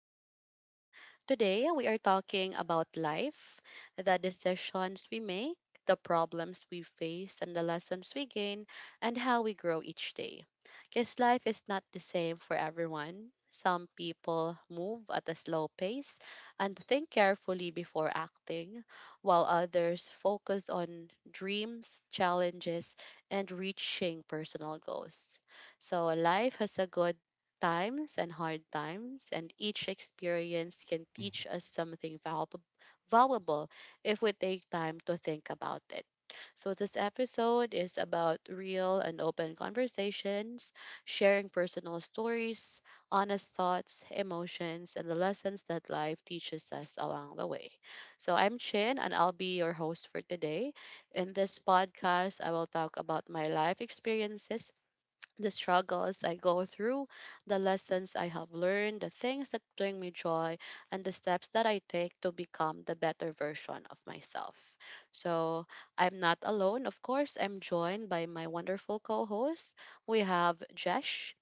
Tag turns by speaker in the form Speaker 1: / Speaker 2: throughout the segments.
Speaker 1: podcast. Today, we are talking about life, the decisions we make, the problems we face, and the lessons we gain, and how we grow each day. Because life is not the same for everyone. Some people move at a slow pace and think carefully before acting, while others focus on dreams, challenges, and reaching personal goals. So life has a good times and hard times, and each experience can teach us something valuable if we take time to think about it. So, this episode is about real and open conversations, sharing personal stories, honest thoughts, emotions, and the lessons that life teaches us along the way. So, I'm Chin, and I'll be your host for today. In this podcast, I will talk about my life experiences, the struggles I go through, the lessons I have learned, the things that bring me joy, and the steps that I take to become the better version of myself. So I'm not alone. Of course, I'm joined by my wonderful co hosts. We have Jesh.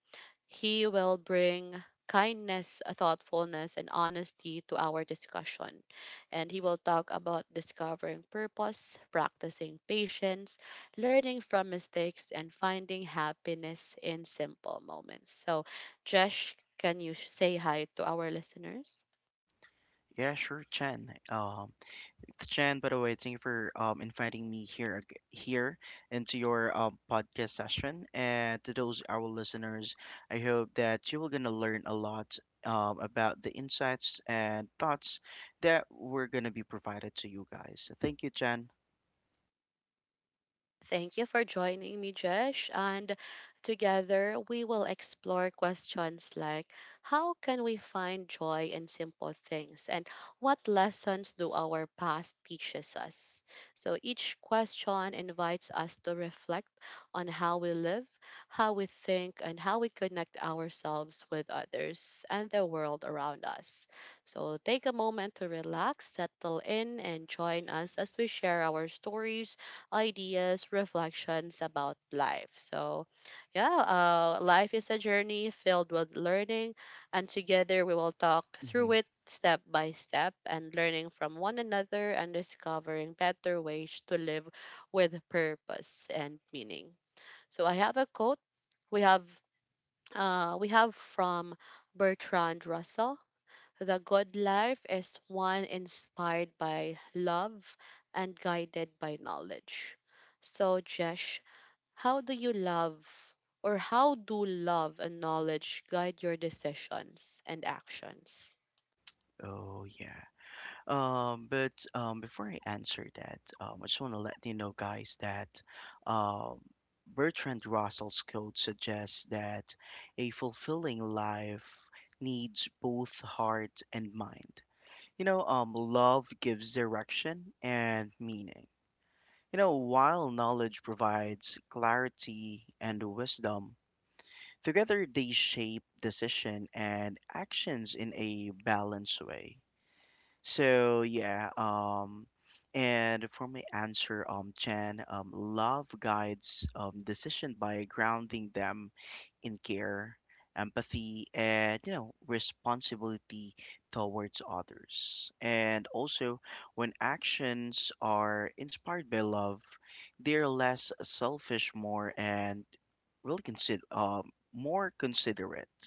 Speaker 1: He will bring kindness, thoughtfulness, and honesty to our discussion. And he will talk about discovering purpose, practicing patience, learning from mistakes, and finding happiness in simple moments. So, Jesh, can you say hi to our listeners?
Speaker 2: Yeah, sure, Chen. It's Chen, by the way, thank you for inviting me here here into your podcast session. And to those our listeners, I hope that you will gonna learn a lot about the insights and thoughts that we're gonna be provided to you guys. Thank you, Chen.
Speaker 1: Thank you for joining me, Jesh. And together we will explore questions like how can we find joy in simple things and what lessons do our past teaches us? So each question invites us to reflect on how we live, how we think, and how we connect ourselves with others and the world around us. So take a moment to relax, settle in, and join us as we share our stories, ideas, reflections about life. So, yeah, life is a journey filled with learning, and together we will talk
Speaker 2: Hmm.
Speaker 1: through it step by step and learning from one another and discovering better ways to live with purpose and meaning. So, I have a quote, we have we have from Bertrand Russell, the God life is one inspired by love and guided by knowledge. So, Jesh, how do you love or how do love and knowledge guide your decisions and actions?
Speaker 2: Oh yeah. But before I answer that, I just want to let you know, guys, that um, Bertrand Russell's code suggests that a fulfilling life needs both heart and mind. You know, love gives direction and meaning. You know, while knowledge provides clarity and wisdom, together they shape decision and actions in a balanced way. So yeah, and for my answer, Chen, love guides decision by grounding them in care, empathy, and responsibility towards others. And also, when actions are inspired by love, they're less selfish, more considerate,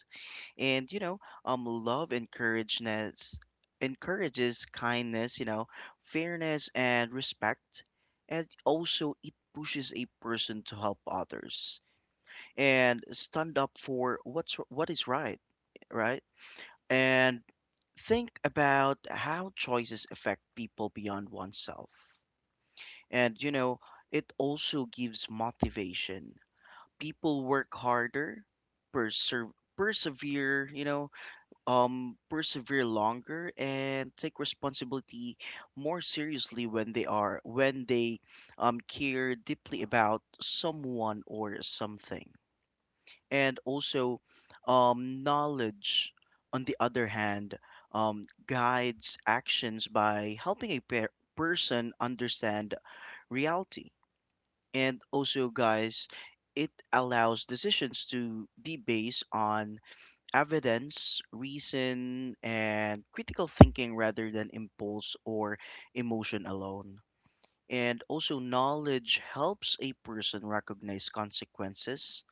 Speaker 2: and love encourages kindness, fairness, and respect, and also it pushes a person to help others and stand up for what is right, right and think about how choices affect people beyond oneself. And you know, it also gives motivation. People work harder, perser- persevere, you know, persevere longer, and take responsibility more seriously when they are when they care deeply about someone or something. And also, knowledge, on the other hand, guides actions by helping a person understand reality. And also, guys, it allows decisions to be based on evidence, reason, and critical thinking rather than impulse or emotion alone. And also, knowledge helps a person recognize consequences,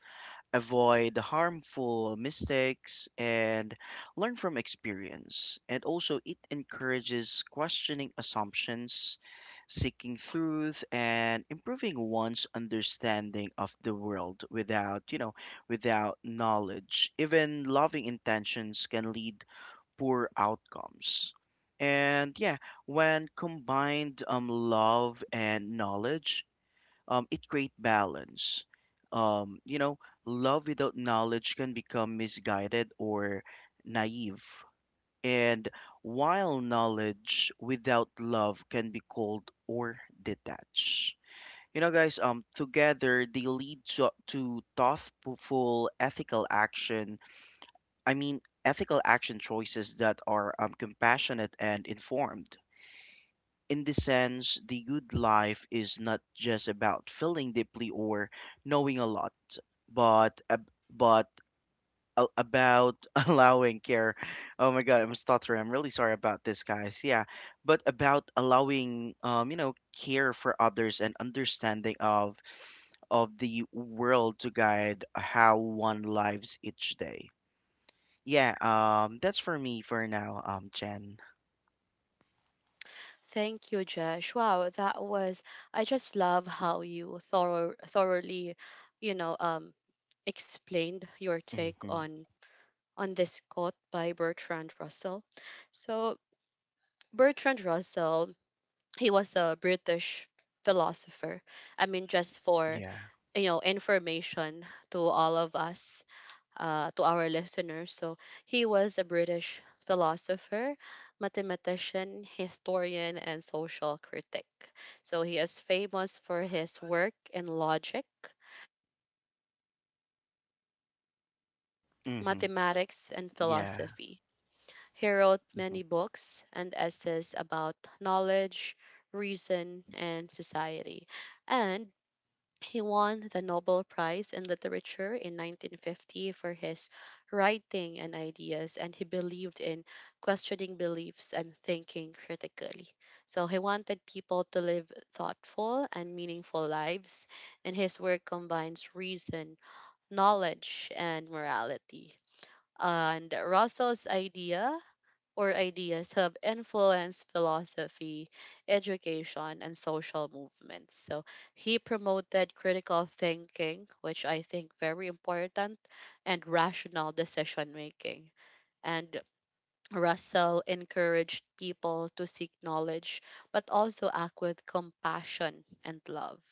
Speaker 2: avoid harmful mistakes, and learn from experience. And also, it encourages questioning assumptions, seeking truth, and improving one's understanding of the world without knowledge. Even loving intentions can lead poor outcomes. And yeah, when combined love and knowledge, it create balance. Um, you know, Love without knowledge can become misguided or naive, and while knowledge without love can be cold or detached. You know, guys, together they lead to thoughtful, ethical action. I mean, ethical action choices that are compassionate and informed. In this sense, the good life is not just about feeling deeply or knowing a lot, but about allowing care. Oh my God, I'm stuttering. I'm really sorry about this, guys. Yeah, but about allowing, care for others and understanding of the world to guide how one lives each day. Yeah, that's for me for now, Jen.
Speaker 1: Thank you, Jesh. Wow, that was, I just love how you thoroughly, you know, explained your take
Speaker 2: Mm-hmm.
Speaker 1: on this quote by Bertrand Russell. So Bertrand Russell, he was a British philosopher. I mean, just for,
Speaker 2: Yeah.
Speaker 1: you know, information to all of us, to our listeners. So he was a British philosopher, mathematician, historian, and social critic. So he is famous for his work in logic,
Speaker 2: Mm-hmm.
Speaker 1: mathematics, and
Speaker 2: Yeah.
Speaker 1: philosophy. He wrote many books and essays about knowledge, reason, and society. And he won the Nobel Prize in Literature in 1950 for his writing and ideas, and he believed in questioning beliefs and thinking critically. So he wanted people to live thoughtful and meaningful lives, and his work combines reason, knowledge, and morality. And Russell's ideas have influenced philosophy, education, and social movements. So he promoted critical thinking, which I think very important, and rational decision making. And Russell encouraged people to seek knowledge, but also act with compassion and love,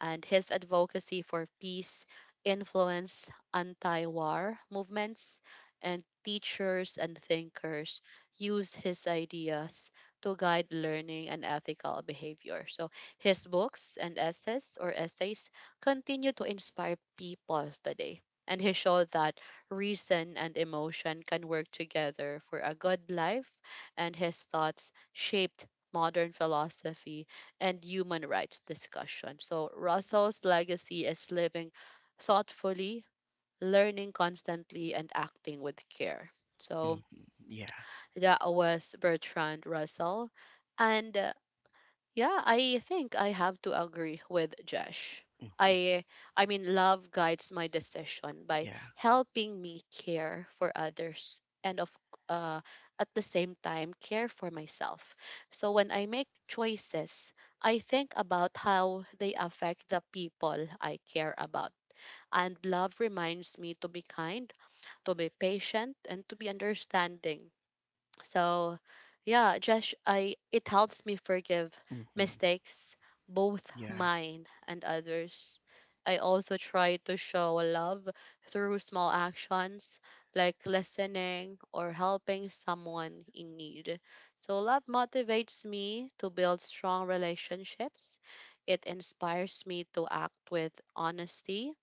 Speaker 1: and his advocacy for peace influenced anti war movements, and teachers and thinkers use his ideas to guide learning and ethical behavior. So his books and essays continue to inspire people today. And he showed that reason and emotion can work together for a good life, and his thoughts shaped modern philosophy and human rights discussion. So Russell's legacy is living thoughtfully, learning constantly, and acting with care.
Speaker 2: Hmm.
Speaker 1: So
Speaker 2: Yeah,
Speaker 1: that was Bertrand Russell. And yeah, I think I have to agree with Josh. I I mean love guides my decision by
Speaker 2: yeah,
Speaker 1: helping me care for others and of uh at the same time care for myself. So when I make choices, I think about how they affect the people I care about. And love reminds me to be kind, to be patient, and to be understanding, so, yeah, Josh, I it helps me forgive
Speaker 2: hmm,
Speaker 1: mistakes, both
Speaker 2: yeah,
Speaker 1: mine and others. I also try to show love through small actions like listening or helping someone in need. So, love motivates me to build strong relationships. It inspires me to act with honesty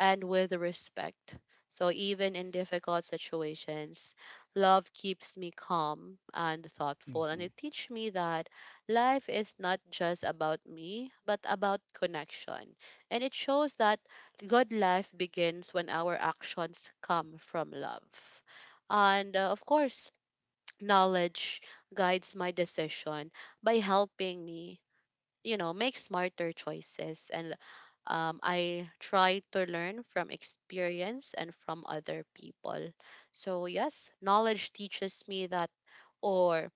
Speaker 1: and with respect. So even in difficult situations, love keeps me calm and
Speaker 2: hmm,
Speaker 1: thoughtful. And
Speaker 2: hmm,
Speaker 1: it teaches me that life is not just about me, but about connection. And it shows that good life begins when our actions come from love. And of course, knowledge guides my decision by helping me, you know, make smarter choices. And I try to learn from experience and from other people. So, yes, knowledge teaches me that, or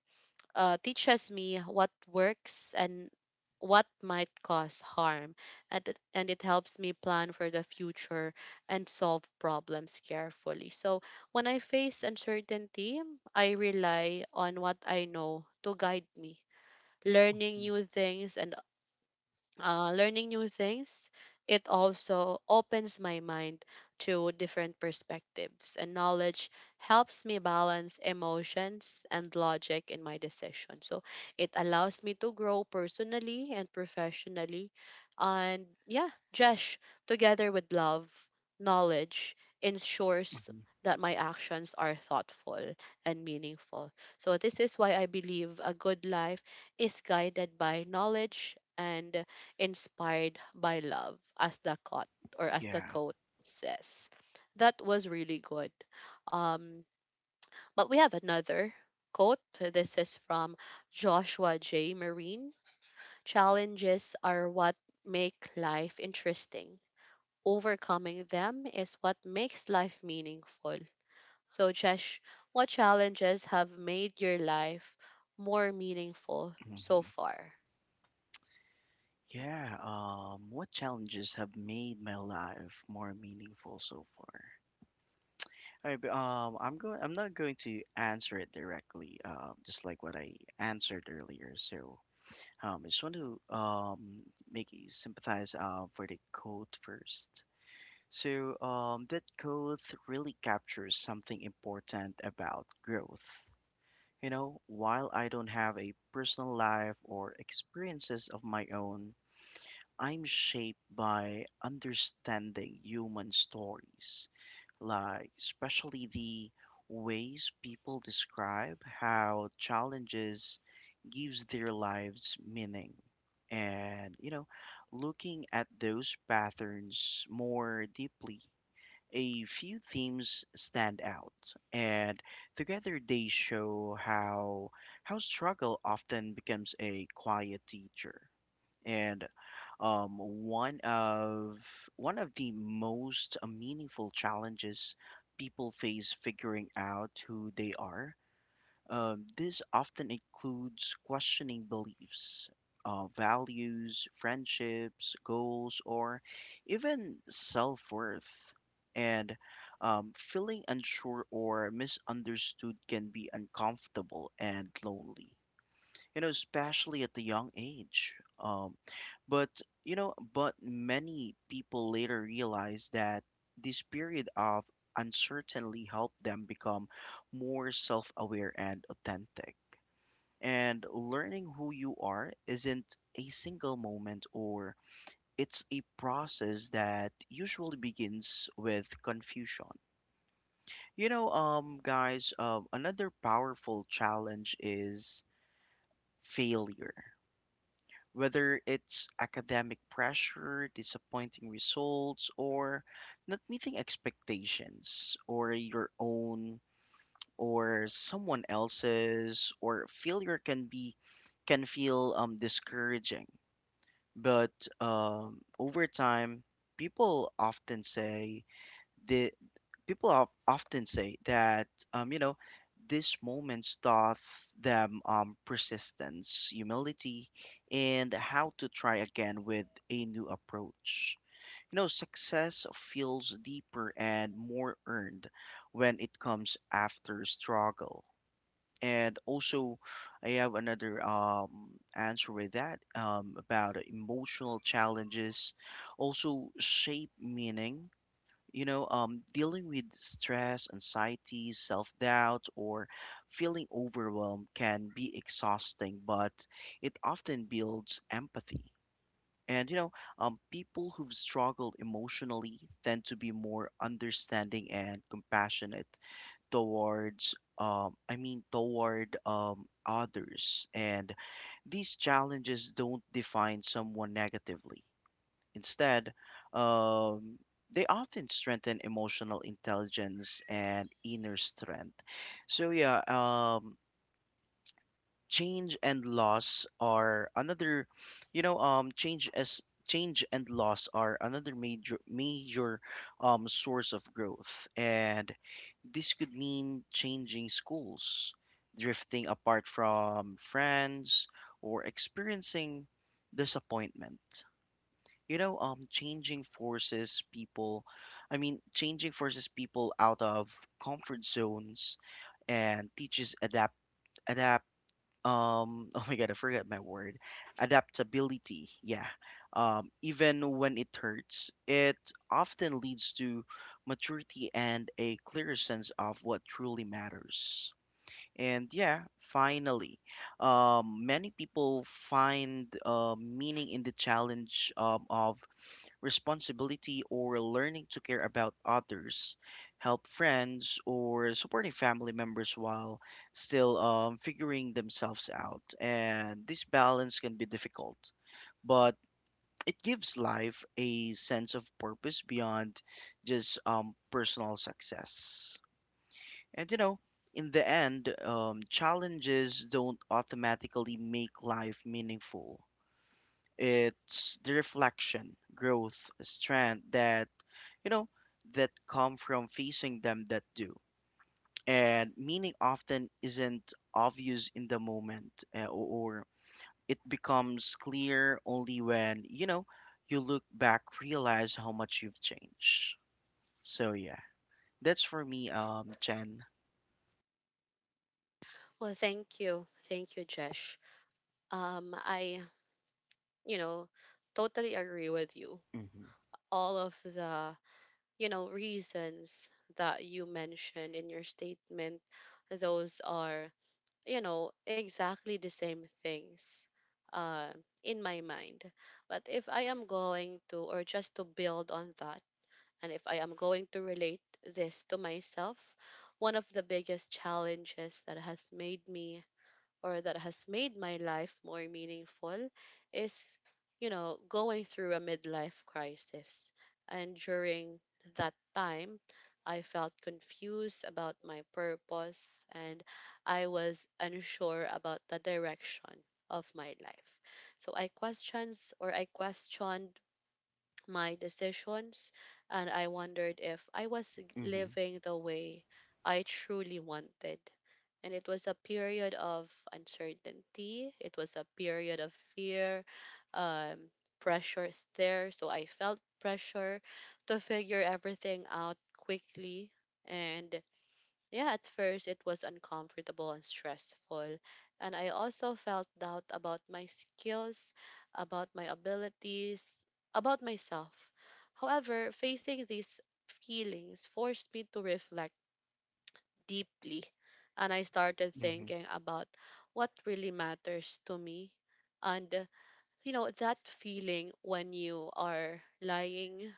Speaker 1: uh, teaches me what works and what might cause harm. And it helps me plan for the future and solve problems carefully. So, when I face uncertainty, I rely on what I know to guide me. Learning new things and learning new things, it also opens my mind to different perspectives, and knowledge helps me balance emotions and logic in my decision. So it allows me to grow personally and professionally. And yeah, Jesh, together with love, knowledge ensures that my actions are thoughtful and meaningful. So this is why I believe a good life is guided by knowledge and inspired by love, as the quote or as the
Speaker 2: yeah,
Speaker 1: quote says. That was really good. Um, but we have another quote. This is from Joshua J. Marine. Challenges are what make life interesting. Overcoming them is what makes life meaningful. So, Jesh, what challenges have made your life more meaningful so
Speaker 2: hmm,
Speaker 1: far?
Speaker 2: yeah. What challenges have made my life more meaningful so far? I, I'm going. I'm not going to answer it directly. Just like what I answered earlier. So, I just want to make you sympathize for the quote first. So, that quote really captures something important about growth. You know, while I don't have a personal life or experiences of my own, I'm shaped by understanding human stories, like especially the ways people describe how challenges gives their lives meaning. And, you know, looking at those patterns more deeply, a few themes stand out, and together they show how struggle often becomes a quiet teacher. And um, one of one of the most meaningful challenges people face figuring out who they are. This often includes questioning beliefs, values, friendships, goals, or even self worth. And feeling unsure or misunderstood can be uncomfortable and lonely, especially at the young age. Um, but but many people later realize that this period of uncertainty helped them become more self-aware and authentic. And learning who you are isn't a single moment, or it's a process that usually begins with confusion. You know, guys, another powerful challenge is failure. Whether it's academic pressure, disappointing results, or not meeting expectations, or your own, or someone else's, or failure can be can feel discouraging. But over time, people often say that people of often say that these moments taught them persistence, humility, and how to try again with a new approach. You know, success feels deeper and more earned when it comes after struggle. And also, I have another answer with that, about emotional challenges also shape meaning. You know, dealing with stress, anxiety, self-doubt, or feeling overwhelmed can be exhausting, but it often builds empathy. And people who've struggled emotionally tend to be more understanding and compassionate towards I mean toward others, and these challenges don't define someone negatively. Instead, um, they often strengthen emotional intelligence and inner strength. So yeah, change and loss are another, you know, um, change as change and loss are another major source of growth, and this could mean changing schools, drifting apart from friends, or experiencing disappointment. You know, changing forces people out of comfort zones, and teaches adapt adapt oh my God, I forgot my word. Adaptability. Yeah. Even when it hurts, it often leads to maturity and a clearer sense of what truly matters. And yeah, finally, many people find meaning in the challenge of responsibility, or learning to care about others, help friends, or supporting family members while still figuring themselves out. And this balance can be difficult, but it gives life a sense of purpose beyond just personal success. And you know, in the end, challenges don't automatically make life meaningful. It's the reflection, growth, strength that, you know, that come from facing them that do. And meaning often isn't obvious in the moment, or it becomes clear only when, you know, you look back, realize how much you've changed. So, yeah, that's for me, Chen.
Speaker 1: Well, thank you. Thank you, Jesh. I, you know, totally agree with you.
Speaker 2: Hmm.
Speaker 1: All of the, you know, reasons that you mentioned in your statement, those are, you know, exactly the same things uh, in my mind. But if I am going to, or just to build on that, and if I am going to relate this to myself, one of the biggest challenges that has made my life more meaningful is, you know, going through a midlife crisis. And during that time, I felt confused about my purpose and I was unsure about the direction of my life. So I questions or I questioned my decisions and I wondered if I was
Speaker 2: Hmm.
Speaker 1: living the way I truly wanted. And it was a period of uncertainty. It was a period of fear. Um, pressure is there. So I felt pressure to figure everything out quickly. And yeah, at first it was uncomfortable and stressful. And I also felt doubt about my skills, about my abilities, about myself. However, facing these feelings forced me to reflect deeply and I started
Speaker 2: Hmm.
Speaker 1: thinking about what really matters to me. And you know, that feeling when you are lying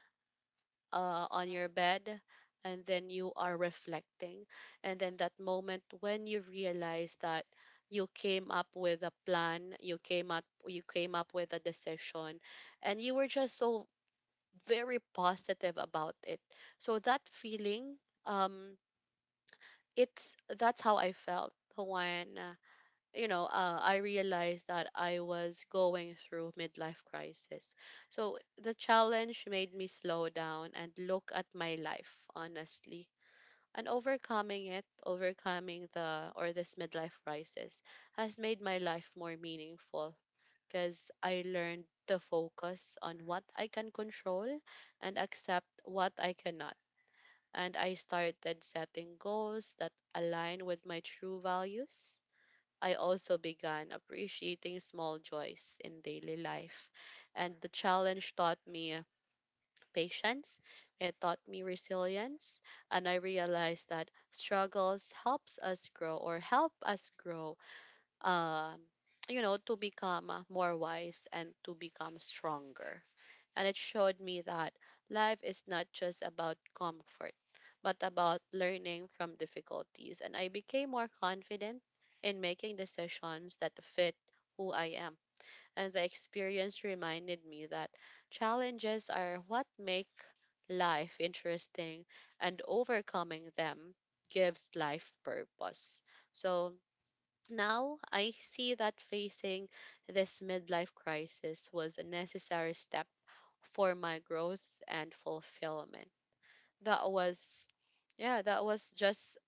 Speaker 1: on your bed and then you are reflecting, and then that moment when you realize that you came up with a plan, you came up with a decision and you were just so very positive about it. So that feeling, um it's that's how I felt when, you know, I realized that I was going through midlife crisis. So the challenge made me slow down and look at my life honestly. And overcoming it, overcoming the or this midlife crisis has made my life more meaningful because I learned to focus on what I can control and accept what I cannot and I started setting goals that align with my true values. I also began appreciating small joys in daily life. And the challenge taught me patience, it taught me resilience, and I realized that struggles helps us grow or help us grow, um you know, to become more wise and to become stronger, and it showed me that life is not just about comfort, but about learning from difficulties. And I became more confident in making decisions that fit who I am. And the experience reminded me that challenges are what make life interesting, and overcoming them gives life purpose. So now I see that facing this midlife crisis was a necessary step for my growth and fulfillment. That was, yeah, that was just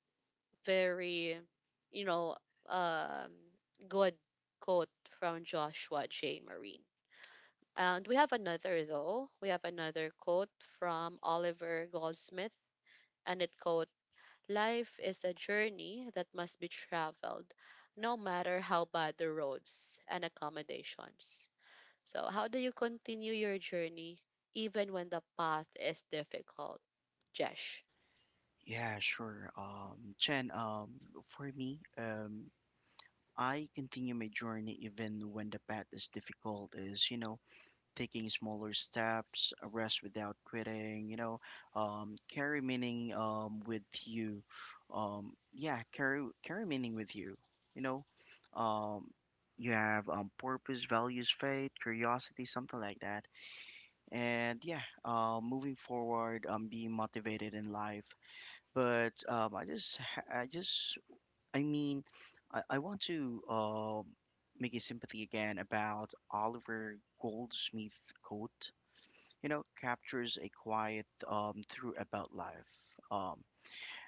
Speaker 1: very, you know, um, good quote from Joshua J. Marine. And we have another though. We have another quote from Oliver Goldsmith, and it quote, "Life is a journey that must be traveled, no matter how bad the roads and accommodations." So, how do you continue your journey even when the path is difficult? Jesh.
Speaker 2: Yeah, sure. Chen, for me, I continue my journey even when the path is difficult, is, you know, taking smaller steps, a rest without quitting, you know, carry meaning, with you. Yeah, carry meaning with you, you know. Um, you have, purpose, values, faith, curiosity, something like that. And yeah, moving forward, being motivated in life, but I mean I want to make a sympathy again about Oliver Goldsmith quote. You know, captures a quiet truth about life. um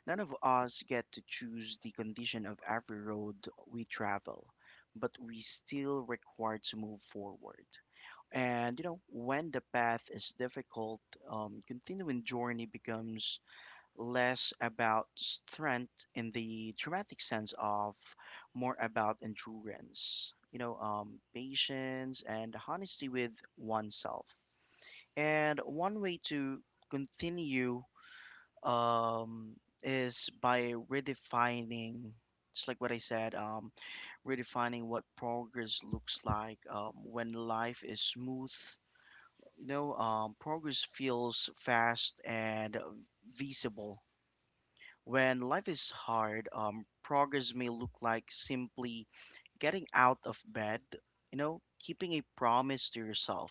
Speaker 2: None of us get to choose the condition of every road we travel, but we still required to move forward. And you know, when the path is difficult, continuing journey becomes less about strength in the dramatic sense of more about endurance, you know, patience and honesty with oneself. And one way to continue um, is by redefining, just like what I said, redefining what progress looks like when life is smooth. You know, progress feels fast and visible. When life is hard, progress may look like simply getting out of bed, you know, keeping a promise to yourself,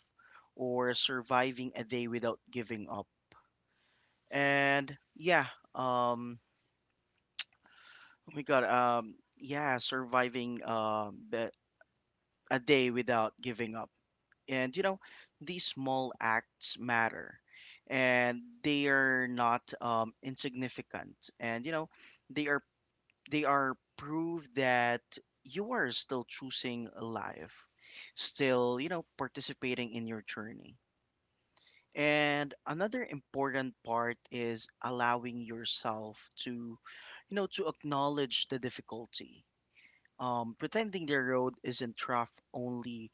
Speaker 2: or surviving a day without giving up. And yeah, um, oh my God. Yeah, surviving a day without giving up. And you know, these small acts matter, and they are not insignificant. And you know, they are they are proof that you are still choosing life, still, you know, participating in your journey. And another important part is allowing yourself to acknowledge the difficulty. Pretending the road isn't rough only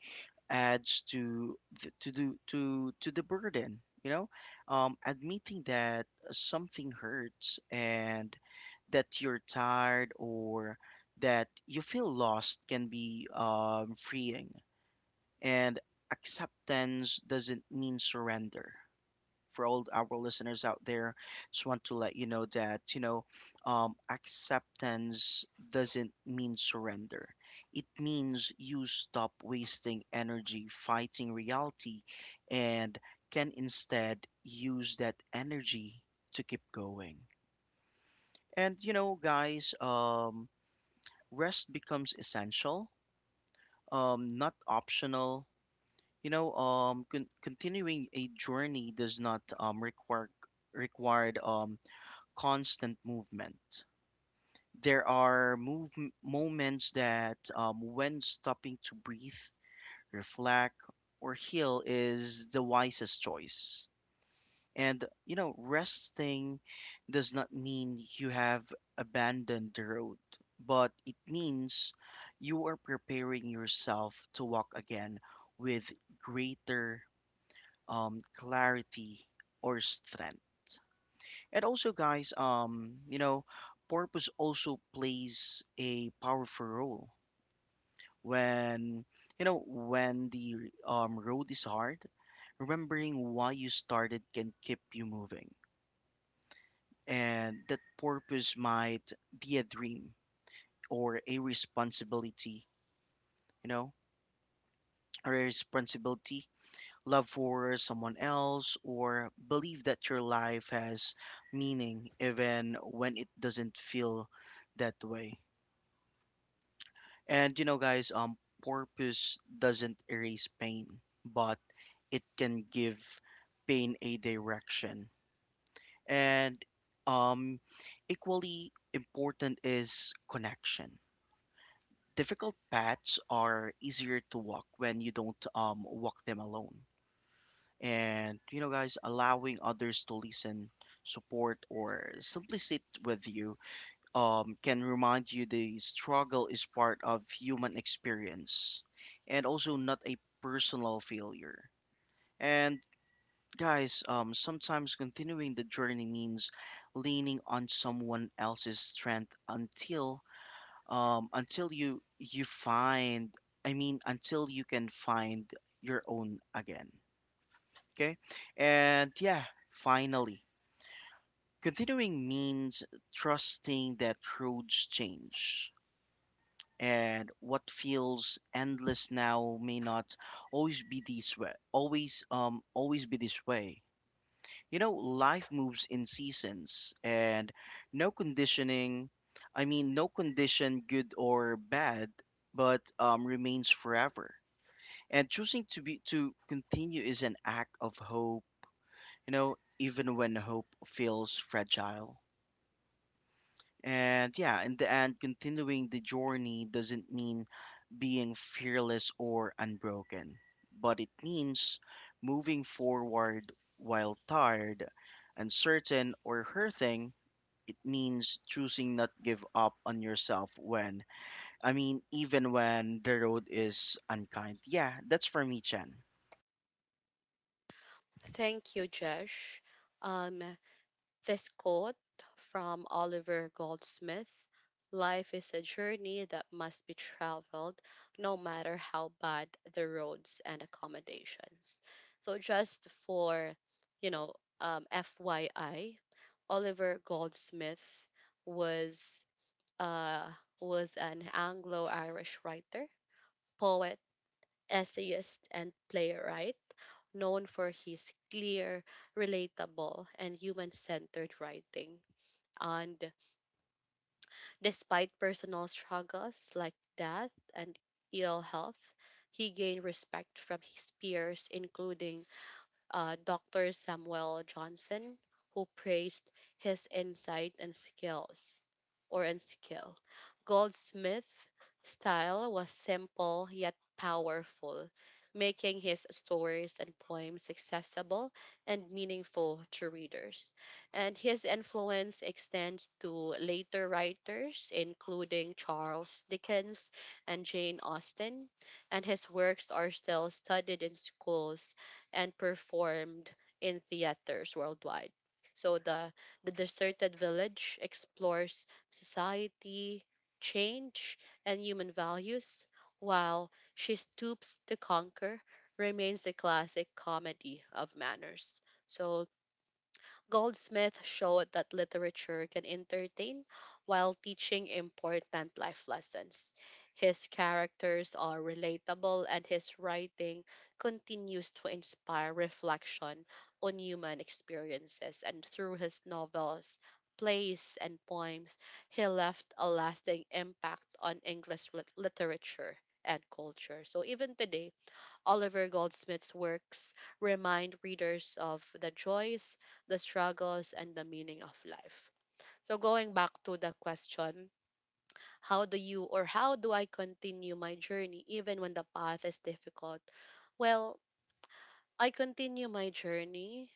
Speaker 2: adds to th- to do to the burden. Admitting that something hurts and that you're tired or that you feel lost can be freeing, and acceptance doesn't mean surrender, for all our listeners out there. Just want to let you know that, acceptance doesn't mean surrender. It means you stop wasting energy fighting reality and can instead use that energy to keep going. And, you know, guys, rest becomes essential, not optional. Continuing a journey does not required constant movement. There are move moments that, when stopping to breathe, reflect, or heal is the wisest choice. And you know, resting does not mean you have abandoned the road, but it means you are preparing yourself to walk again with greater clarity or strength. And also, guys, purpose also plays a powerful role when when the road is hard. Remembering why you started can keep you moving, and that purpose might be a dream or a responsibility. You know, or a responsibility, love for someone else, or believe that your life has meaning even when it doesn't feel that way. And purpose doesn't erase pain, but it can give pain a direction. And um, Equally important is connection. Difficult paths are easier to walk when you don't walk them alone. And you know, guys, allowing others to listen, support, or simply sit with you can remind you the struggle is part of human experience and also not a personal failure. And Sometimes continuing the journey means leaning on someone else's strength until you find I mean until you can find your own again. Okay? And yeah, finally, continuing means trusting that roads change and what feels endless now may not always be this way. You know, life moves in seasons and no conditioning no condition good or bad but remains forever, and choosing to continue is an act of hope, you know, even when hope feels fragile. And yeah, in the end, continuing the journey doesn't mean being fearless or unbroken, but it means moving forward while tired, uncertain, or hurting. It means choosing not give up on yourself when, even when the road is unkind. Yeah, that's for me, Chen.
Speaker 1: Thank you, Jesh. Um, this quote from Oliver Goldsmith, Life is a journey that must be traveled no matter how bad the roads and accommodations. So, just for, you know, FYI, Oliver Goldsmith was uh, was an Anglo Irish writer, poet, essayist, and playwright, known for his clear, relatable, and human centered writing. And despite personal struggles like death and ill health, he gained respect from his peers, including Dr. Samuel Johnson, who praised his insight and skills or and skill. Goldsmith's style was simple yet powerful, making his stories and poems accessible and meaningful to readers. And his influence extends to later writers, including Charles Dickens and Jane Austen, and his works are still studied in schools and performed in theaters worldwide. So the deserted village explores society, change, and human values, while she stoops to conquer remains a classic comedy of manners. So Goldsmith showed that literature can entertain while teaching important life lessons. His characters are relatable and his writing continues to inspire reflection on human experiences. And through his novels, plays, and poems, he left a lasting impact on English literature and culture. So even today, Oliver Goldsmith's works remind readers of the joys, the struggles, and the meaning of life. So, going back to the question, how do I continue my journey even when the path is difficult? Well, I continue my journey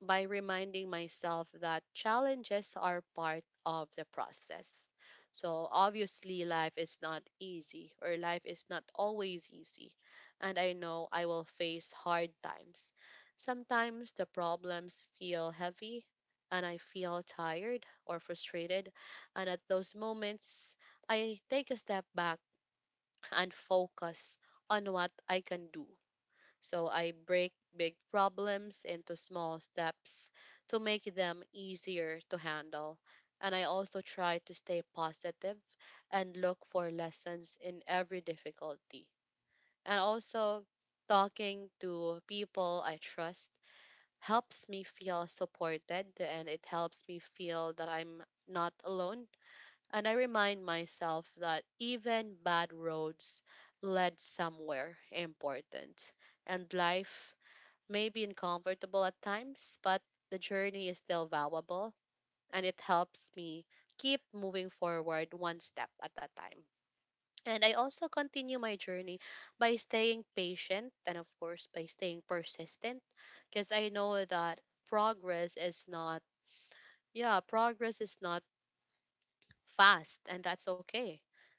Speaker 1: by reminding myself that challenges are part of the process. So, obviously, life is not always easy. And I know I will face hard times. Sometimes the problems feel heavy, and I feel tired or frustrated. And at those moments, I take a step back and focus on what I can do, so I break big problems into small steps to make them easier to handle. And I also try to stay positive and look for lessons in every difficulty. And also, talking to people I trust helps me feel supported and it helps me feel that I'm not alone. And I remind myself that even bad roads led somewhere important and life maybe uncomfortable at times, but the journey is still valuable and it helps me keep moving forward one step at a time. And I also continue my journey by staying patient and, of course, by staying persistent because I know that progress is not, yeah, progress is not fast and that's okay.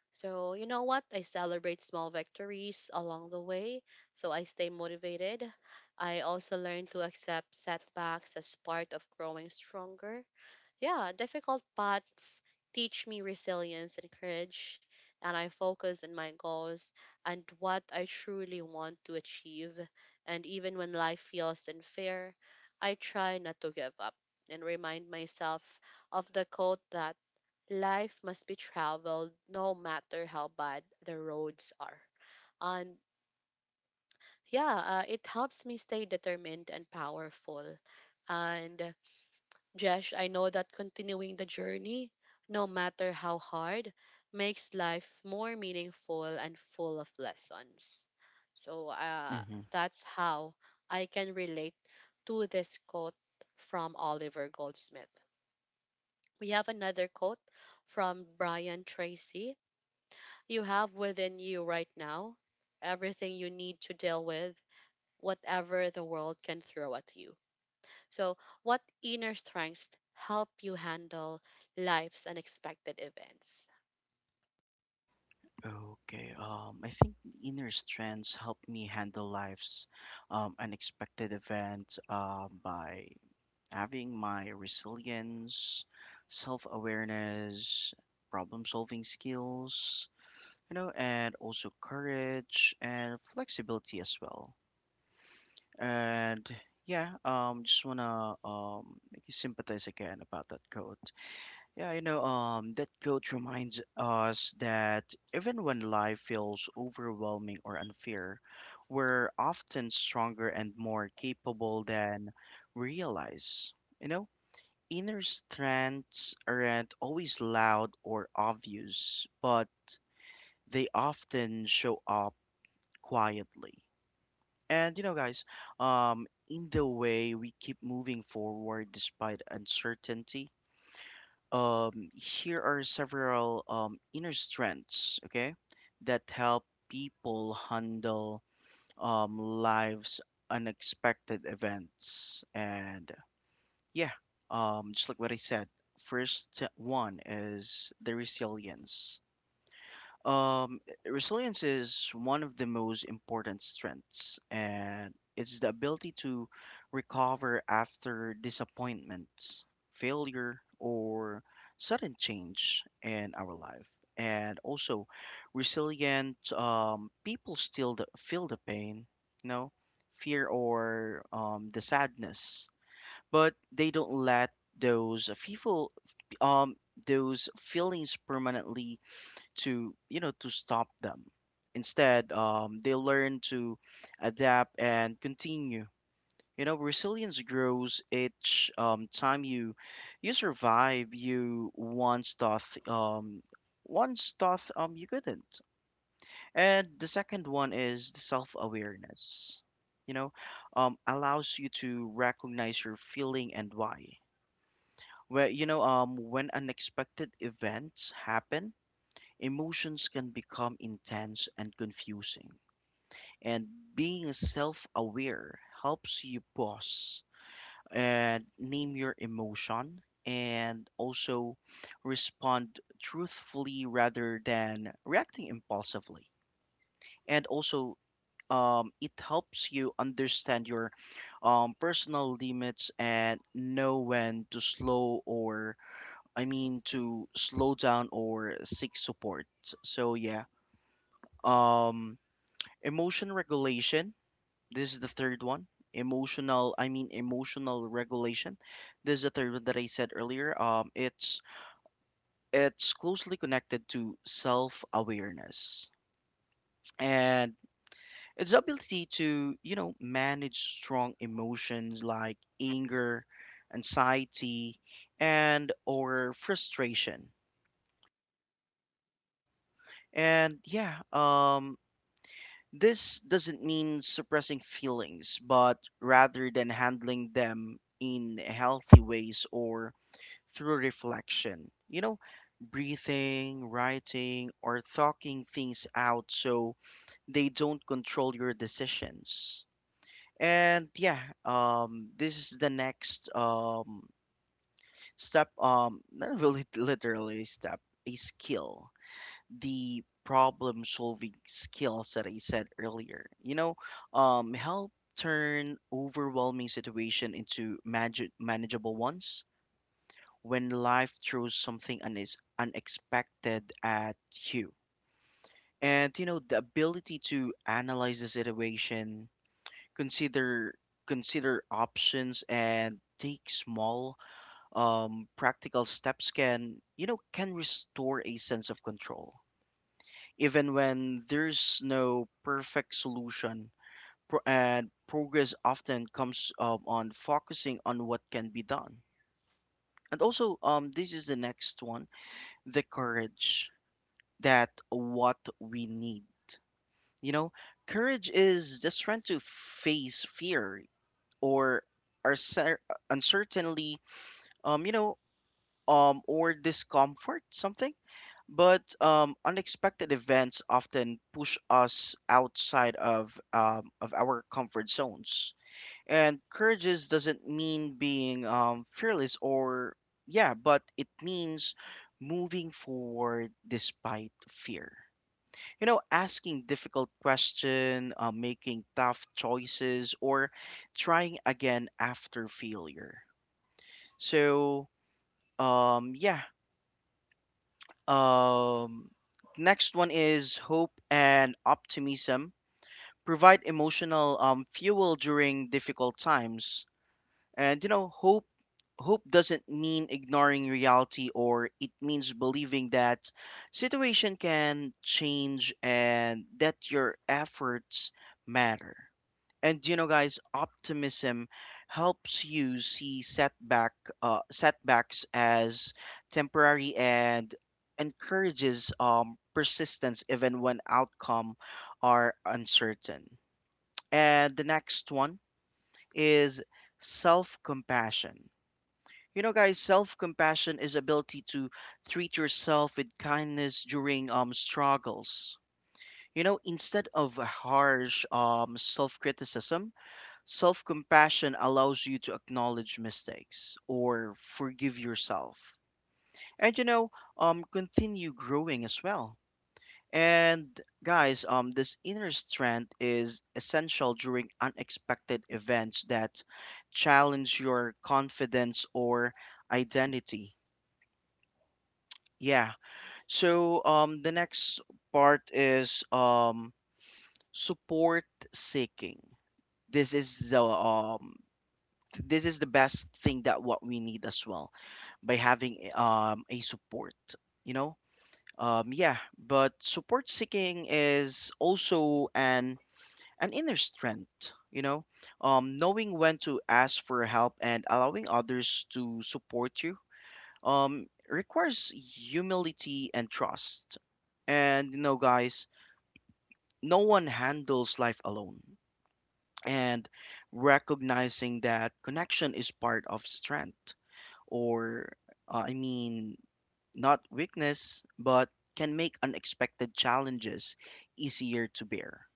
Speaker 1: So, you know what? I celebrate small victories along the way so I stay motivated. I also learn to accept setbacks as part of growing stronger. Yeah, difficult paths teach me resilience and courage, and I focus on my goals and what I truly want to achieve. And even when life feels unfair, I try not to give up and remind myself of the quote that life must be traveled no matter how bad the roads are. And yeah, it helps me stay determined and powerful. And Jesh, I know that continuing the journey, no matter how hard, makes life more meaningful and full of lessons. So that's how I can relate to this quote from Oliver Goldsmith. We have another quote from Brian Tracy: you have within you right now everything you need to deal with whatever the world can throw at you. So, what inner strengths help you handle life's unexpected events?
Speaker 2: Okay. I think the inner strengths help me handle life's unexpected events by having my resilience, self-awareness, problem-solving skills, you know, and also courage and flexibility as well. And yeah, just wanna make you sympathize again about that quote. Yeah, you know, that quote reminds us that even when life feels overwhelming or unfair, we're often stronger and more capable than we realize. You know, inner strengths aren't always loud or obvious, but they often show up quietly. And in the way we keep moving forward despite uncertainty, here are several inner strengths, okay, that help people handle life's unexpected events. And yeah, just like what I said, first one is the resilience. Um, Resilience is one of the most important strengths, and it's the ability to recover after disappointments, failure, or sudden change in our life. And also, resilient people feel the pain, you know, fear or the sadness, but they don't let those people, um, those feelings permanently to you know to stop them. Instead, they learn to adapt and continue. You know, resilience grows each time you survive you once thought you couldn't. And the second one is the self-awareness. You know, allows you to recognize your feeling and why where you know when unexpected events happen. Emotions can become intense and confusing, and being self aware helps you pause and name your emotion and also respond truthfully rather than reacting impulsively. And also, it helps you understand your personal limits and know when to slow or I mean to slow down or seek support. So yeah. Um Emotion regulation. This is the third one. Emotional, I mean emotional regulation. This is the third one that I said earlier. It's closely connected to self-awareness and its ability to, you know, manage strong emotions like anger, anxiety, and or frustration. And yeah, this doesn't mean suppressing feelings, but rather than handling them in healthy ways or through reflection. You know, breathing, writing, or talking things out so they don't control your decisions. And yeah, this is the next step, not really literally a step, a skill, the problem solving skills that I said earlier. You know, help turn overwhelming situation into manageable ones when life throws something unis unexpected at you. And you know, the ability to analyze the situation, consider consider options and take small practical steps can you know can restore a sense of control even when there's no perfect solution. And progress often comes on focusing on what can be done. And also, this is the next one, the courage that what we need. You know, courage is the strength to face fear or uncer- uncertainty, um, you know, or discomfort, something. But unexpected events often push us outside of our comfort zones. And courageous doesn't mean being fearless or yeah, but it means moving forward despite fear. You know, asking difficult question, making tough choices, or trying again after failure. So yeah, Um, next one is hope and optimism. Provide emotional fuel during difficult times. And you know, hope doesn't mean ignoring reality or it means believing that situation can change and that your efforts matter. And you know, guys, optimism helps you see setbacks as temporary and encourages persistence even when outcome are uncertain. And the next one is self-compassion. You know, guys, self-compassion is ability to treat yourself with kindness during struggles. You know, instead of harsh self-criticism, self compassion allows you to acknowledge mistakes or forgive yourself. And you know, continue growing as well. And guys, this inner strength is essential during unexpected events that challenge your confidence or identity. Yeah. So the next part is support seeking. This is the this is the best thing that what we need as well by having a support you know yeah but support seeking is also an inner strength. You know, knowing when to ask for help and allowing others to support you requires humility and trust. And you know, guys, no one handles life alone, and recognizing that connection is part of strength or uh, I mean, not weakness, but can make unexpected challenges easier to bear.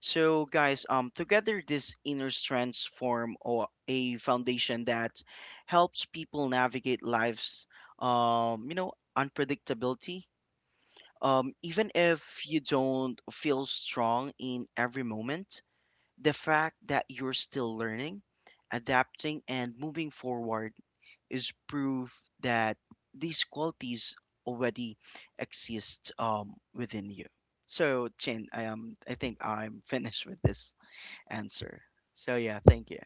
Speaker 2: So, guys, together these inner strengths form or a foundation that helps people navigate life's, you know, unpredictability. Even if you don't feel strong in every moment, the fact that you're still learning, adapting, and moving forward is proof that these qualities already exist within you. So, Chin, I am. I think I'm finished with this answer. So yeah, thank you.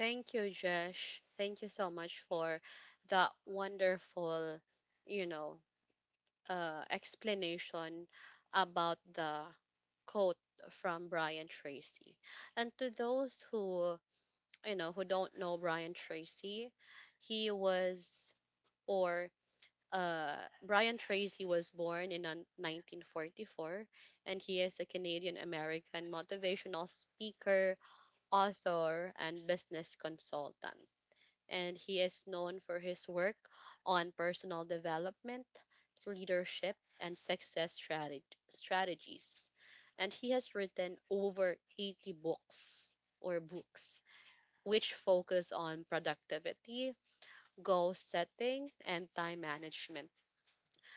Speaker 1: Thank you, Jesh. Thank you so much for that wonderful, you know, explanation about the quote from Brian Tracy. And to those who, you know, who don't know Brian Tracy, he was or Brian Tracy was born in on- 1944, and he is a Canadian American motivational speaker, author, and business consultant. And he is known for his work on personal development, leadership, and strategies. And he has written over 80 books which focus on productivity, goal setting, and time management.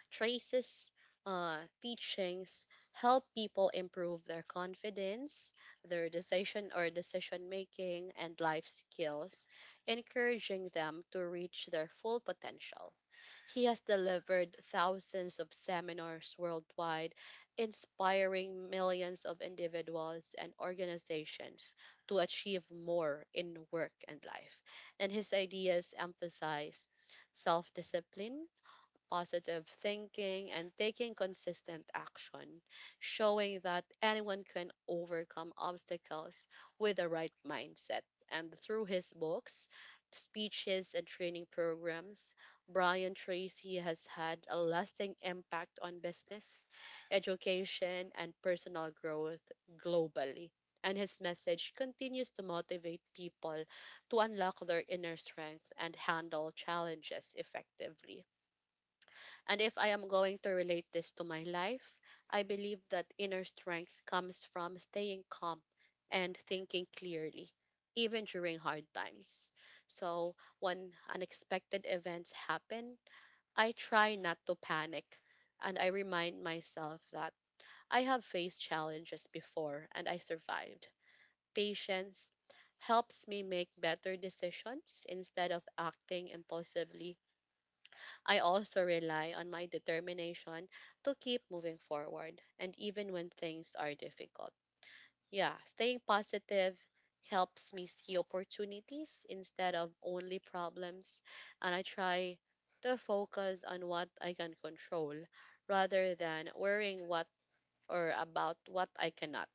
Speaker 1: Trace's teachings help people improve their confidence, their decision making, and life skills, encouraging them to reach their full potential. He has delivered thousands of seminars worldwide, inspiring millions of individuals and organizations to achieve more in work and life. And his ideas emphasize self discipline, positive thinking, and taking consistent action, showing that anyone can overcome obstacles with the right mindset. And through his books, speeches, and training programs, Brian Tracy has had a lasting impact on business, education, and personal growth globally. And his message continues to motivate people to unlock their inner strength and handle challenges effectively. And if I am going to relate this to my life, I believe that inner strength comes from staying calm and thinking clearly, even during hard times. So, when unexpected events happen, I try not to panic and I remind myself that I have faced challenges before and I survived. Patience helps me make better decisions instead of acting impulsively. I also rely on my determination to keep moving forward and even when things are difficult. Yeah, staying positive helps me see opportunities instead of only problems and I try to focus on what I can control rather than worrying what or about what I cannot.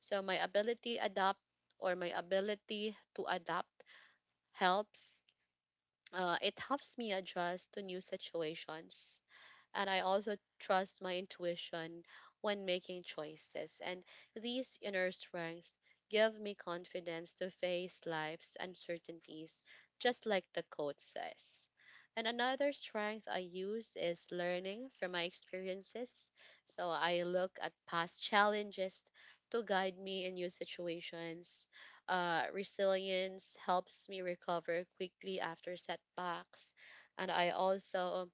Speaker 1: So my ability to adapt helps, it helps me adjust to new situations and I also trust my intuition when making choices. And these inner strengths give me confidence to face life's uncertainties, just like the quote says. And another strength I use is learning from my experiences. So I look at past challenges to guide me in new situations. Resilience helps me recover quickly after setbacks. And I also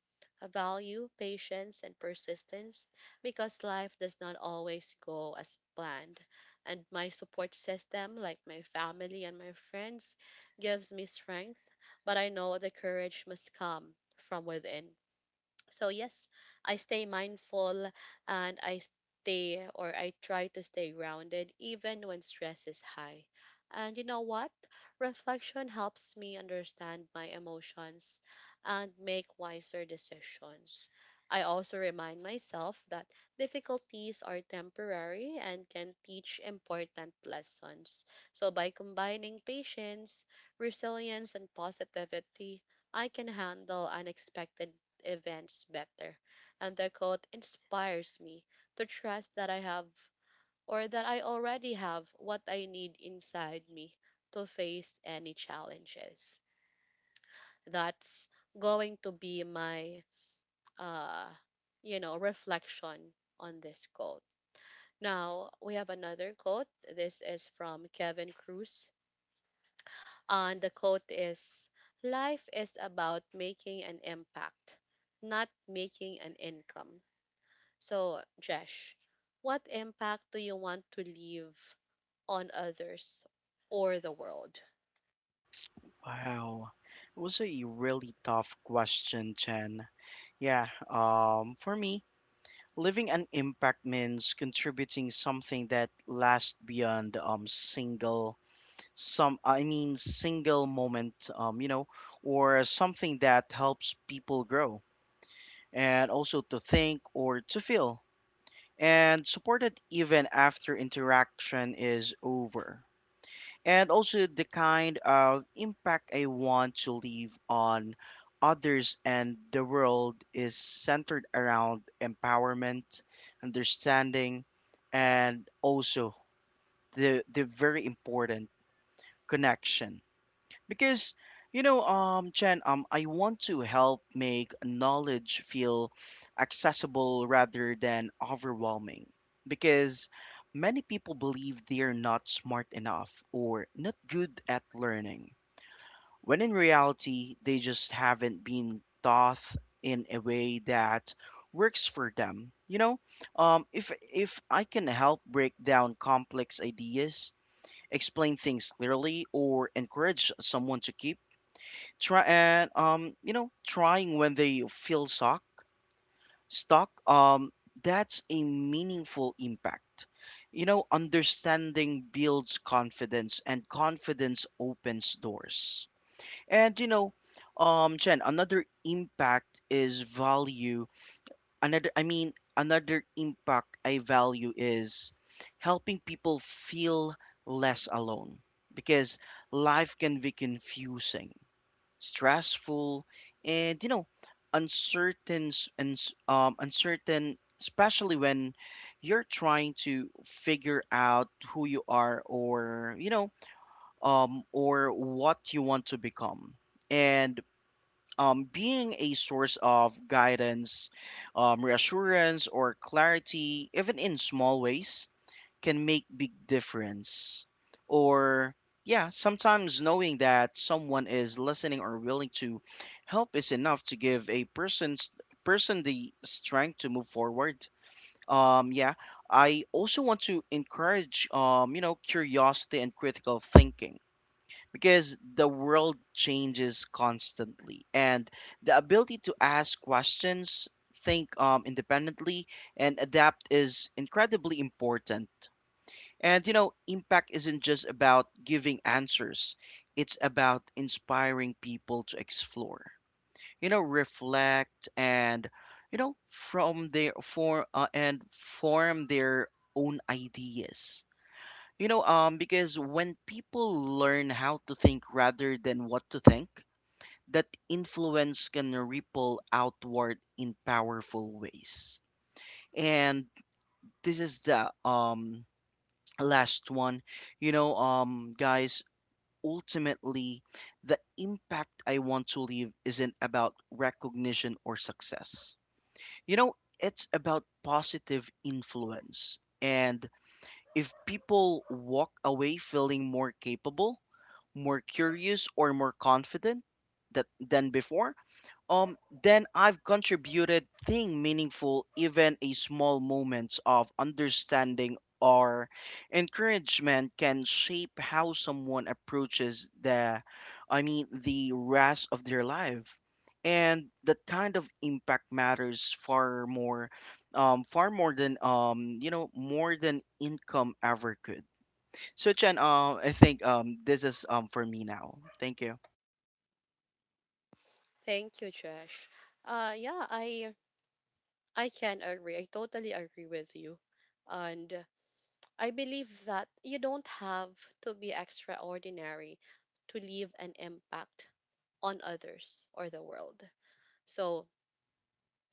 Speaker 1: value patience and persistence because life does not always go as planned. And my support system, like my family and my friends, gives me strength, but I know the courage must come from within. So yes, I stay mindful and I try to stay grounded even when stress is high. And you know what? Reflection helps me understand my emotions and make wiser decisions. I also remind myself that difficulties are temporary and can teach important lessons. So by combining patience, resilience and positivity, I can handle unexpected events better. And the quote inspires me to trust that I have or that I already have what I need inside me to face any challenges. That's going to be my uh you know reflection on this quote. Now we have another quote. This is from Kevin Cruz. And the quote is: life is about making an impact, not making an income. So, Jesh, what impact do you want to leave on others or the world?
Speaker 2: Wow, it was a really tough question, Chen. Yeah. For me, living an impact means contributing something that lasts beyond single moment. You know, or something that helps people grow and also to think or to feel, and supported even after interaction is over. And also the kind of impact I want to leave on others and the world is centered around empowerment, understanding, and also the very important connection. Because you know, Chen, I want to help make knowledge feel accessible rather than overwhelming. Because many people believe they're not smart enough or not good at learning, when in reality, they just haven't been taught in a way that works for them. You know, if I can help break down complex ideas, explain things clearly, or encourage someone to keep try and you know trying when they feel stuck, that's a meaningful impact. You know, understanding builds confidence and confidence opens doors. And you know, jen another impact is value another I mean another impact I value is helping people feel less alone. Because life can be confusing, stressful, and you know, uncertain s- and s- uncertain, especially when you're trying to figure out who you are or you know, or what you want to become, and being a source of guidance, reassurance, or clarity, even in small ways can make big difference or yeah, sometimes knowing that someone is listening or willing to help is enough to give a person the strength to move forward. um yeah I also want to encourage curiosity and critical thinking, because the world changes constantly and the ability to ask questions, think independently, and adapt is incredibly important. And you know, impact isn't just about giving answers, it's about inspiring people to explore, you know, reflect and you know, from their for and form their own ideas. You know, because when people learn how to think rather than what to think, that influence can ripple outward in powerful ways. And this is the last one. You know, guys, ultimately, the impact I want to leave isn't about recognition or success. You know, it's about positive influence. And if people walk away feeling more capable, more curious, or more confident that than before, um then I've contributed thing meaningful. Even a small moments of understanding or encouragement can shape how someone approaches the I mean the rest of their life. And that kind of impact matters far more, far more than you know, more than income ever could. So Chen, I think this is for me now. Thank you.
Speaker 1: Thank you, Jesh. Yeah, I can agree. I totally agree with you, and I believe that you don't have to be extraordinary to leave an impact on others or the world. So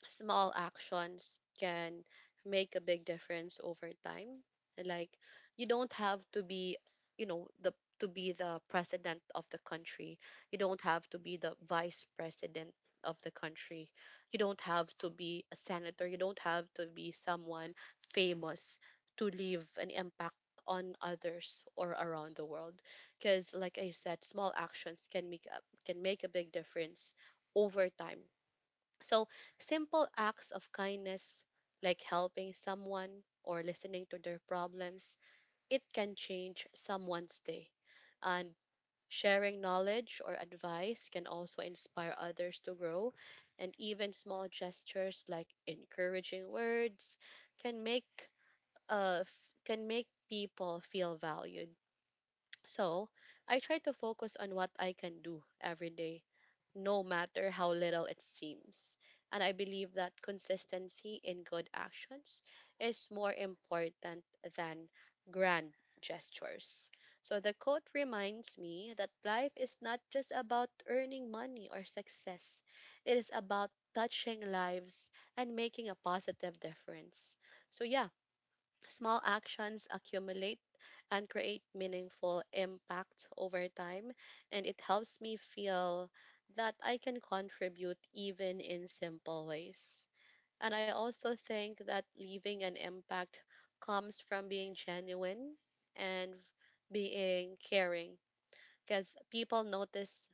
Speaker 1: small actions can make a big difference over time. Like you don't have to be, you know, the to be the president of the country. You don't have to be the vice president of the country. You don't have to be a senator. You don't have to be someone famous to leave an impact on others or around the world. Because, like I said, small actions can make a big difference over time. So, simple acts of kindness, like helping someone or listening to their problems, it can change someone's day. And sharing knowledge or advice can also inspire others to grow. And even small gestures like encouraging words can make, can make people feel valued. So, I try to focus on what I can do every day no matter how little it seems. And I believe that consistency in good actions is more important than grand gestures. So the quote reminds me that life is not just about earning money or success, it is about touching lives and making a positive difference. So, yeah, small actions accumulate and create meaningful impact over time, and it helps me feel that I can contribute even in simple ways. And I also think that leaving an impact comes from being genuine and being caring because people notice,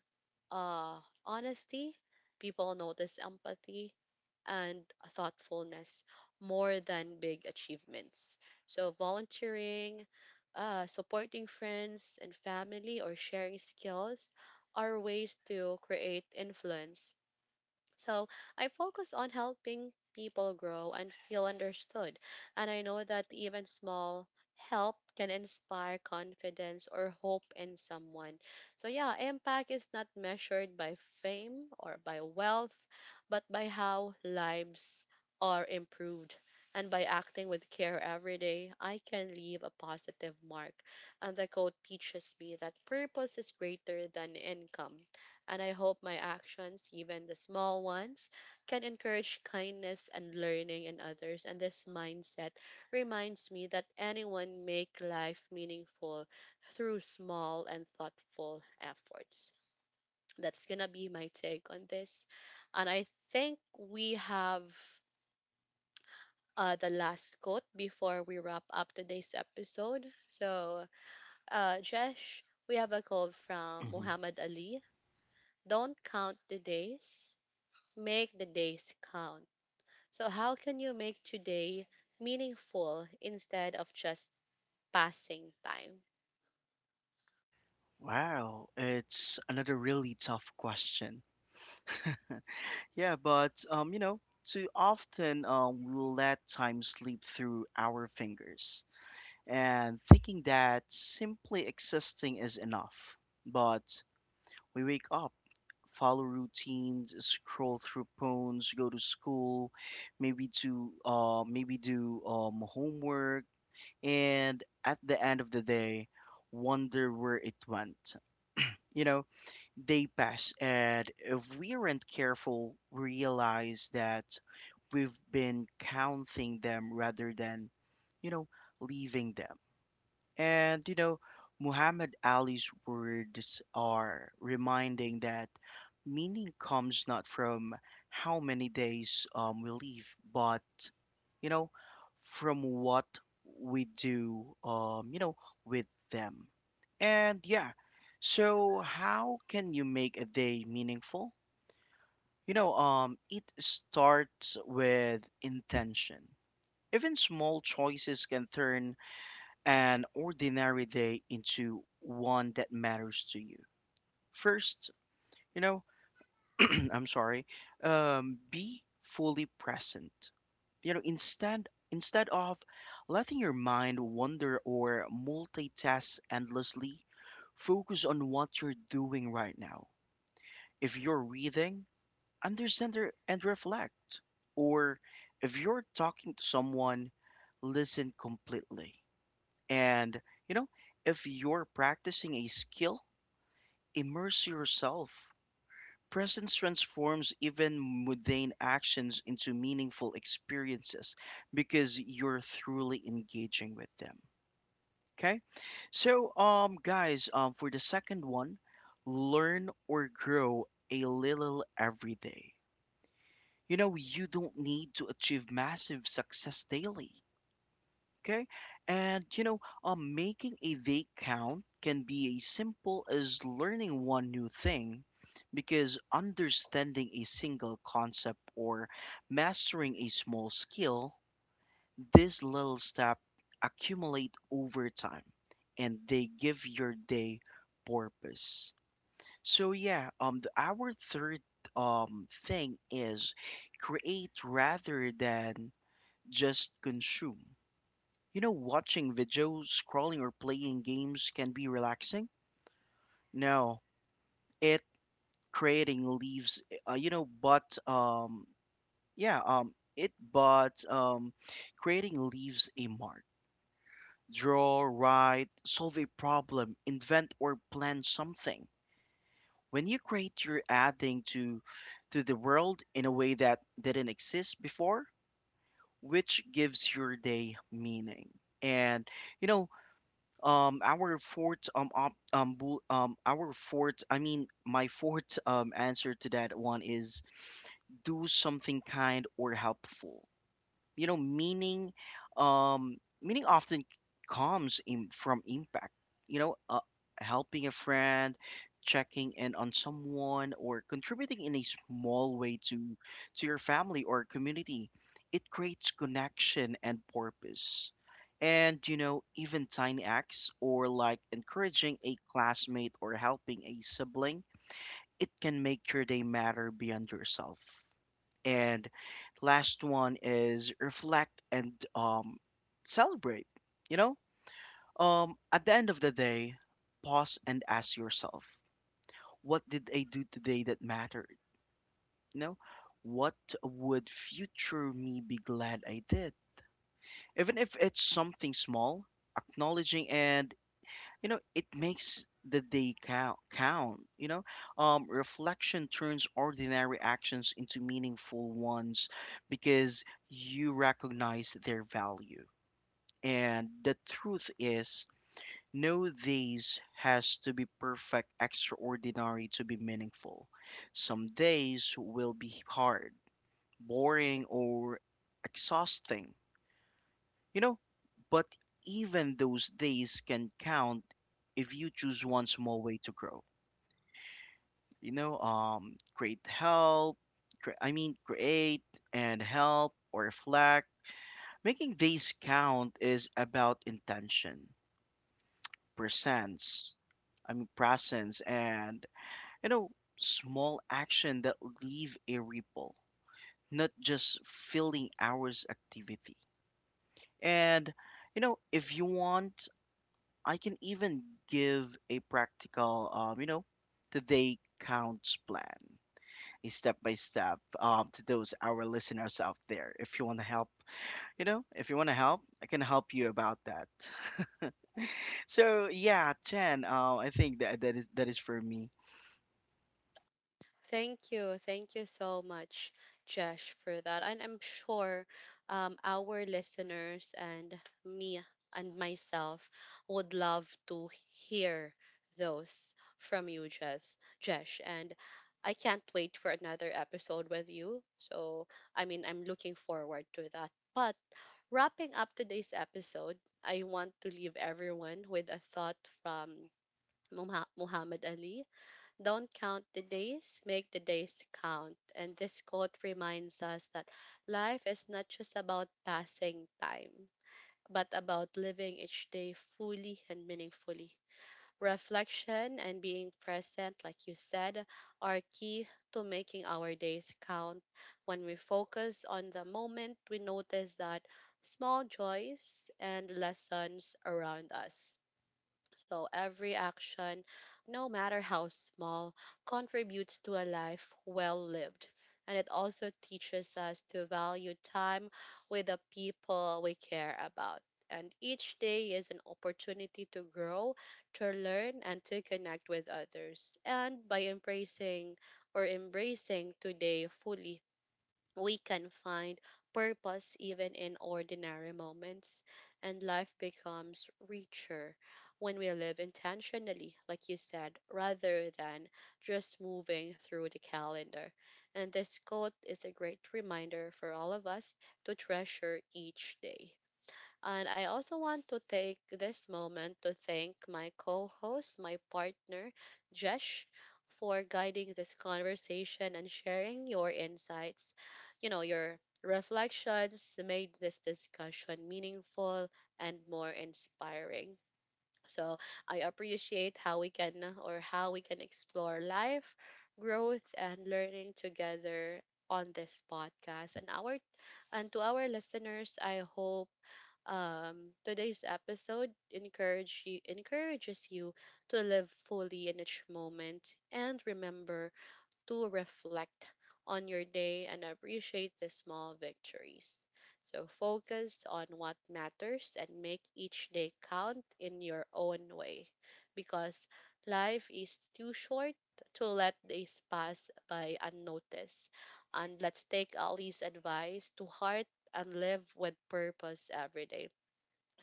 Speaker 1: honesty, people notice empathy, and thoughtfulness more than big achievements. So, volunteering, supporting friends and family, or sharing skills are ways to create influence, so I focus on helping people grow and feel understood. And I know that even small help can inspire confidence or hope in someone. So, yeah, impact is not measured by fame or by wealth, but by how lives are improved. And by acting with care every day, I can leave a positive mark. And the quote teaches me that purpose is greater than income and I hope my actions, even the small ones, can encourage kindness and learning in others. And this mindset reminds me that anyone make life meaningful through small and thoughtful efforts. That's gonna be my take on this. And I think we have the last quote before we wrap up today's episode. So, Jesh, we have a quote from
Speaker 2: Mhm.
Speaker 1: Muhammad Ali. Don't count the days, make the days count. So, how can you make today meaningful instead of just passing time?
Speaker 2: Wow, it's another really tough question. Yeah, but you know, too often we will let time slip through our fingers and thinking that simply existing is enough. But we wake up, follow routines, scroll through phones, go to school, maybe to maybe do homework, and at the end of the day, wonder where it went. You know, they pass, and if we aren't careful, realize that we've been counting them rather than, you know, leaving them. And you know, Muhammad Ali's words are reminding that meaning comes not from how many days we live, but you know, from what we do, you know, with them. And yeah, so how can you make a day meaningful? You know, it starts with intention. Even small choices can turn an ordinary day into one that matters to you. First, you know, I'm sorry, be fully present. You know, instead of letting your mind wander or multitask endlessly, focus on what you're doing right now. If you're reading, understand and reflect. Or if you're talking to someone, listen completely. And, you know, if you're practicing a skill, immerse yourself. Presence transforms even mundane actions into meaningful experiences because you're truly engaging with them. Okay? So, guys, for the second one, learn or grow a little every day. You know, you don't need to achieve massive success daily. Okay. And you know, making a vague count can be as simple as learning one new thing because understanding a single concept or mastering a small skill, this little step accumulate over time and they give your day purpose. So yeah, our third thing is create rather than just consume. You know, watching videos, scrolling, or playing games can be relaxing. No, it creating leaves, you know, but yeah, it but creating leaves a mark. Draw, write, solve a problem, invent or plan something. When you create, you're adding to the world in a way that didn't exist before, which gives your day meaning. And you know, our fourth op, bull, our fourth I mean my fourth answer to that one is do something kind or helpful. You know, um meaning often comes in from impact. You know, helping a friend, checking in on someone, or contributing in a small way to your family or community, it creates connection and purpose. And you know, even tiny acts or like encouraging a classmate or helping a sibling, it can make your day matter beyond yourself. And last one is reflect and celebrate. You know, at the end of the day, pause and ask yourself, what did I do today that mattered? You know, what would future me be glad I did? Even if it's something small, acknowledging and you know, it makes the day count, you know. Reflection turns ordinary actions into meaningful ones because you recognize their value. And the truth is, no days has to be perfect extraordinary to be meaningful. Some days will be hard, boring, or exhausting, you know, but even those days can count if you choose one small way to grow. You know, I mean, create and help or reflect. Making days count is about intention, presence, presence, and, you know, small action that leave a ripple, not just filling hours activity. And, you know, if you want, I can even give a practical, you know, today counts plan, a step by step, to those our listeners out there. If you want to help, you know, If you want to help, I can help you about that. So yeah, Chen, I think that that is for me.
Speaker 1: Thank you. Thank you so much, Josh, for that. And I'm sure our listeners and me and myself would love to hear those from you, Jess. Josh. And I can't wait for another episode with you. So, I mean, I'm looking forward to that. But wrapping up today's episode, I want to leave everyone with a thought from Muhammad Ali. Don't count the days, make the days count. And this quote reminds us that life is not just about passing time, but about living each day fully and meaningfully. Reflection and being present, like you said, are key to making our days count. When we focus on the moment, we notice that small joys and lessons around us. So every action, no matter how small, contributes to a life well lived. And it also teaches us to value time with the people we care about. And each day is an opportunity to grow, to learn, and to connect with others. And by embracing today fully, we can find purpose even in ordinary moments, and life becomes richer when we live intentionally, like you said, rather than just moving through the calendar. And this quote is a great reminder for all of us to treasure each day. And I also want to take this moment to thank my co host, my partner, Jesh, for guiding this conversation and sharing your insights. You know, your reflections made this discussion meaningful and more inspiring. So I appreciate how we can explore life, growth, and learning together on this podcast. And our and to our listeners, I hope um, today's episode encourages you to live fully in each moment and remember to reflect on your day and appreciate the small victories. So focus on what matters and make each day count in your own way because life is too short to let days pass by unnoticed. And let's take Ali's advice to heart and live with purpose every day.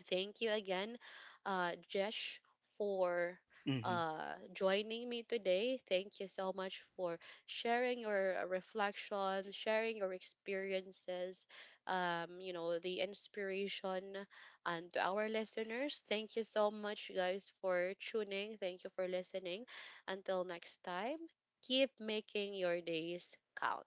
Speaker 1: Thank you again, Jesh, for
Speaker 2: Hmm.
Speaker 1: joining me today. Thank you so much for sharing your reflection, sharing your experiences, you know, the inspiration, and to our listeners. Thank you so much, guys, for tuning. Thank you for listening. Until next time, keep making your days count.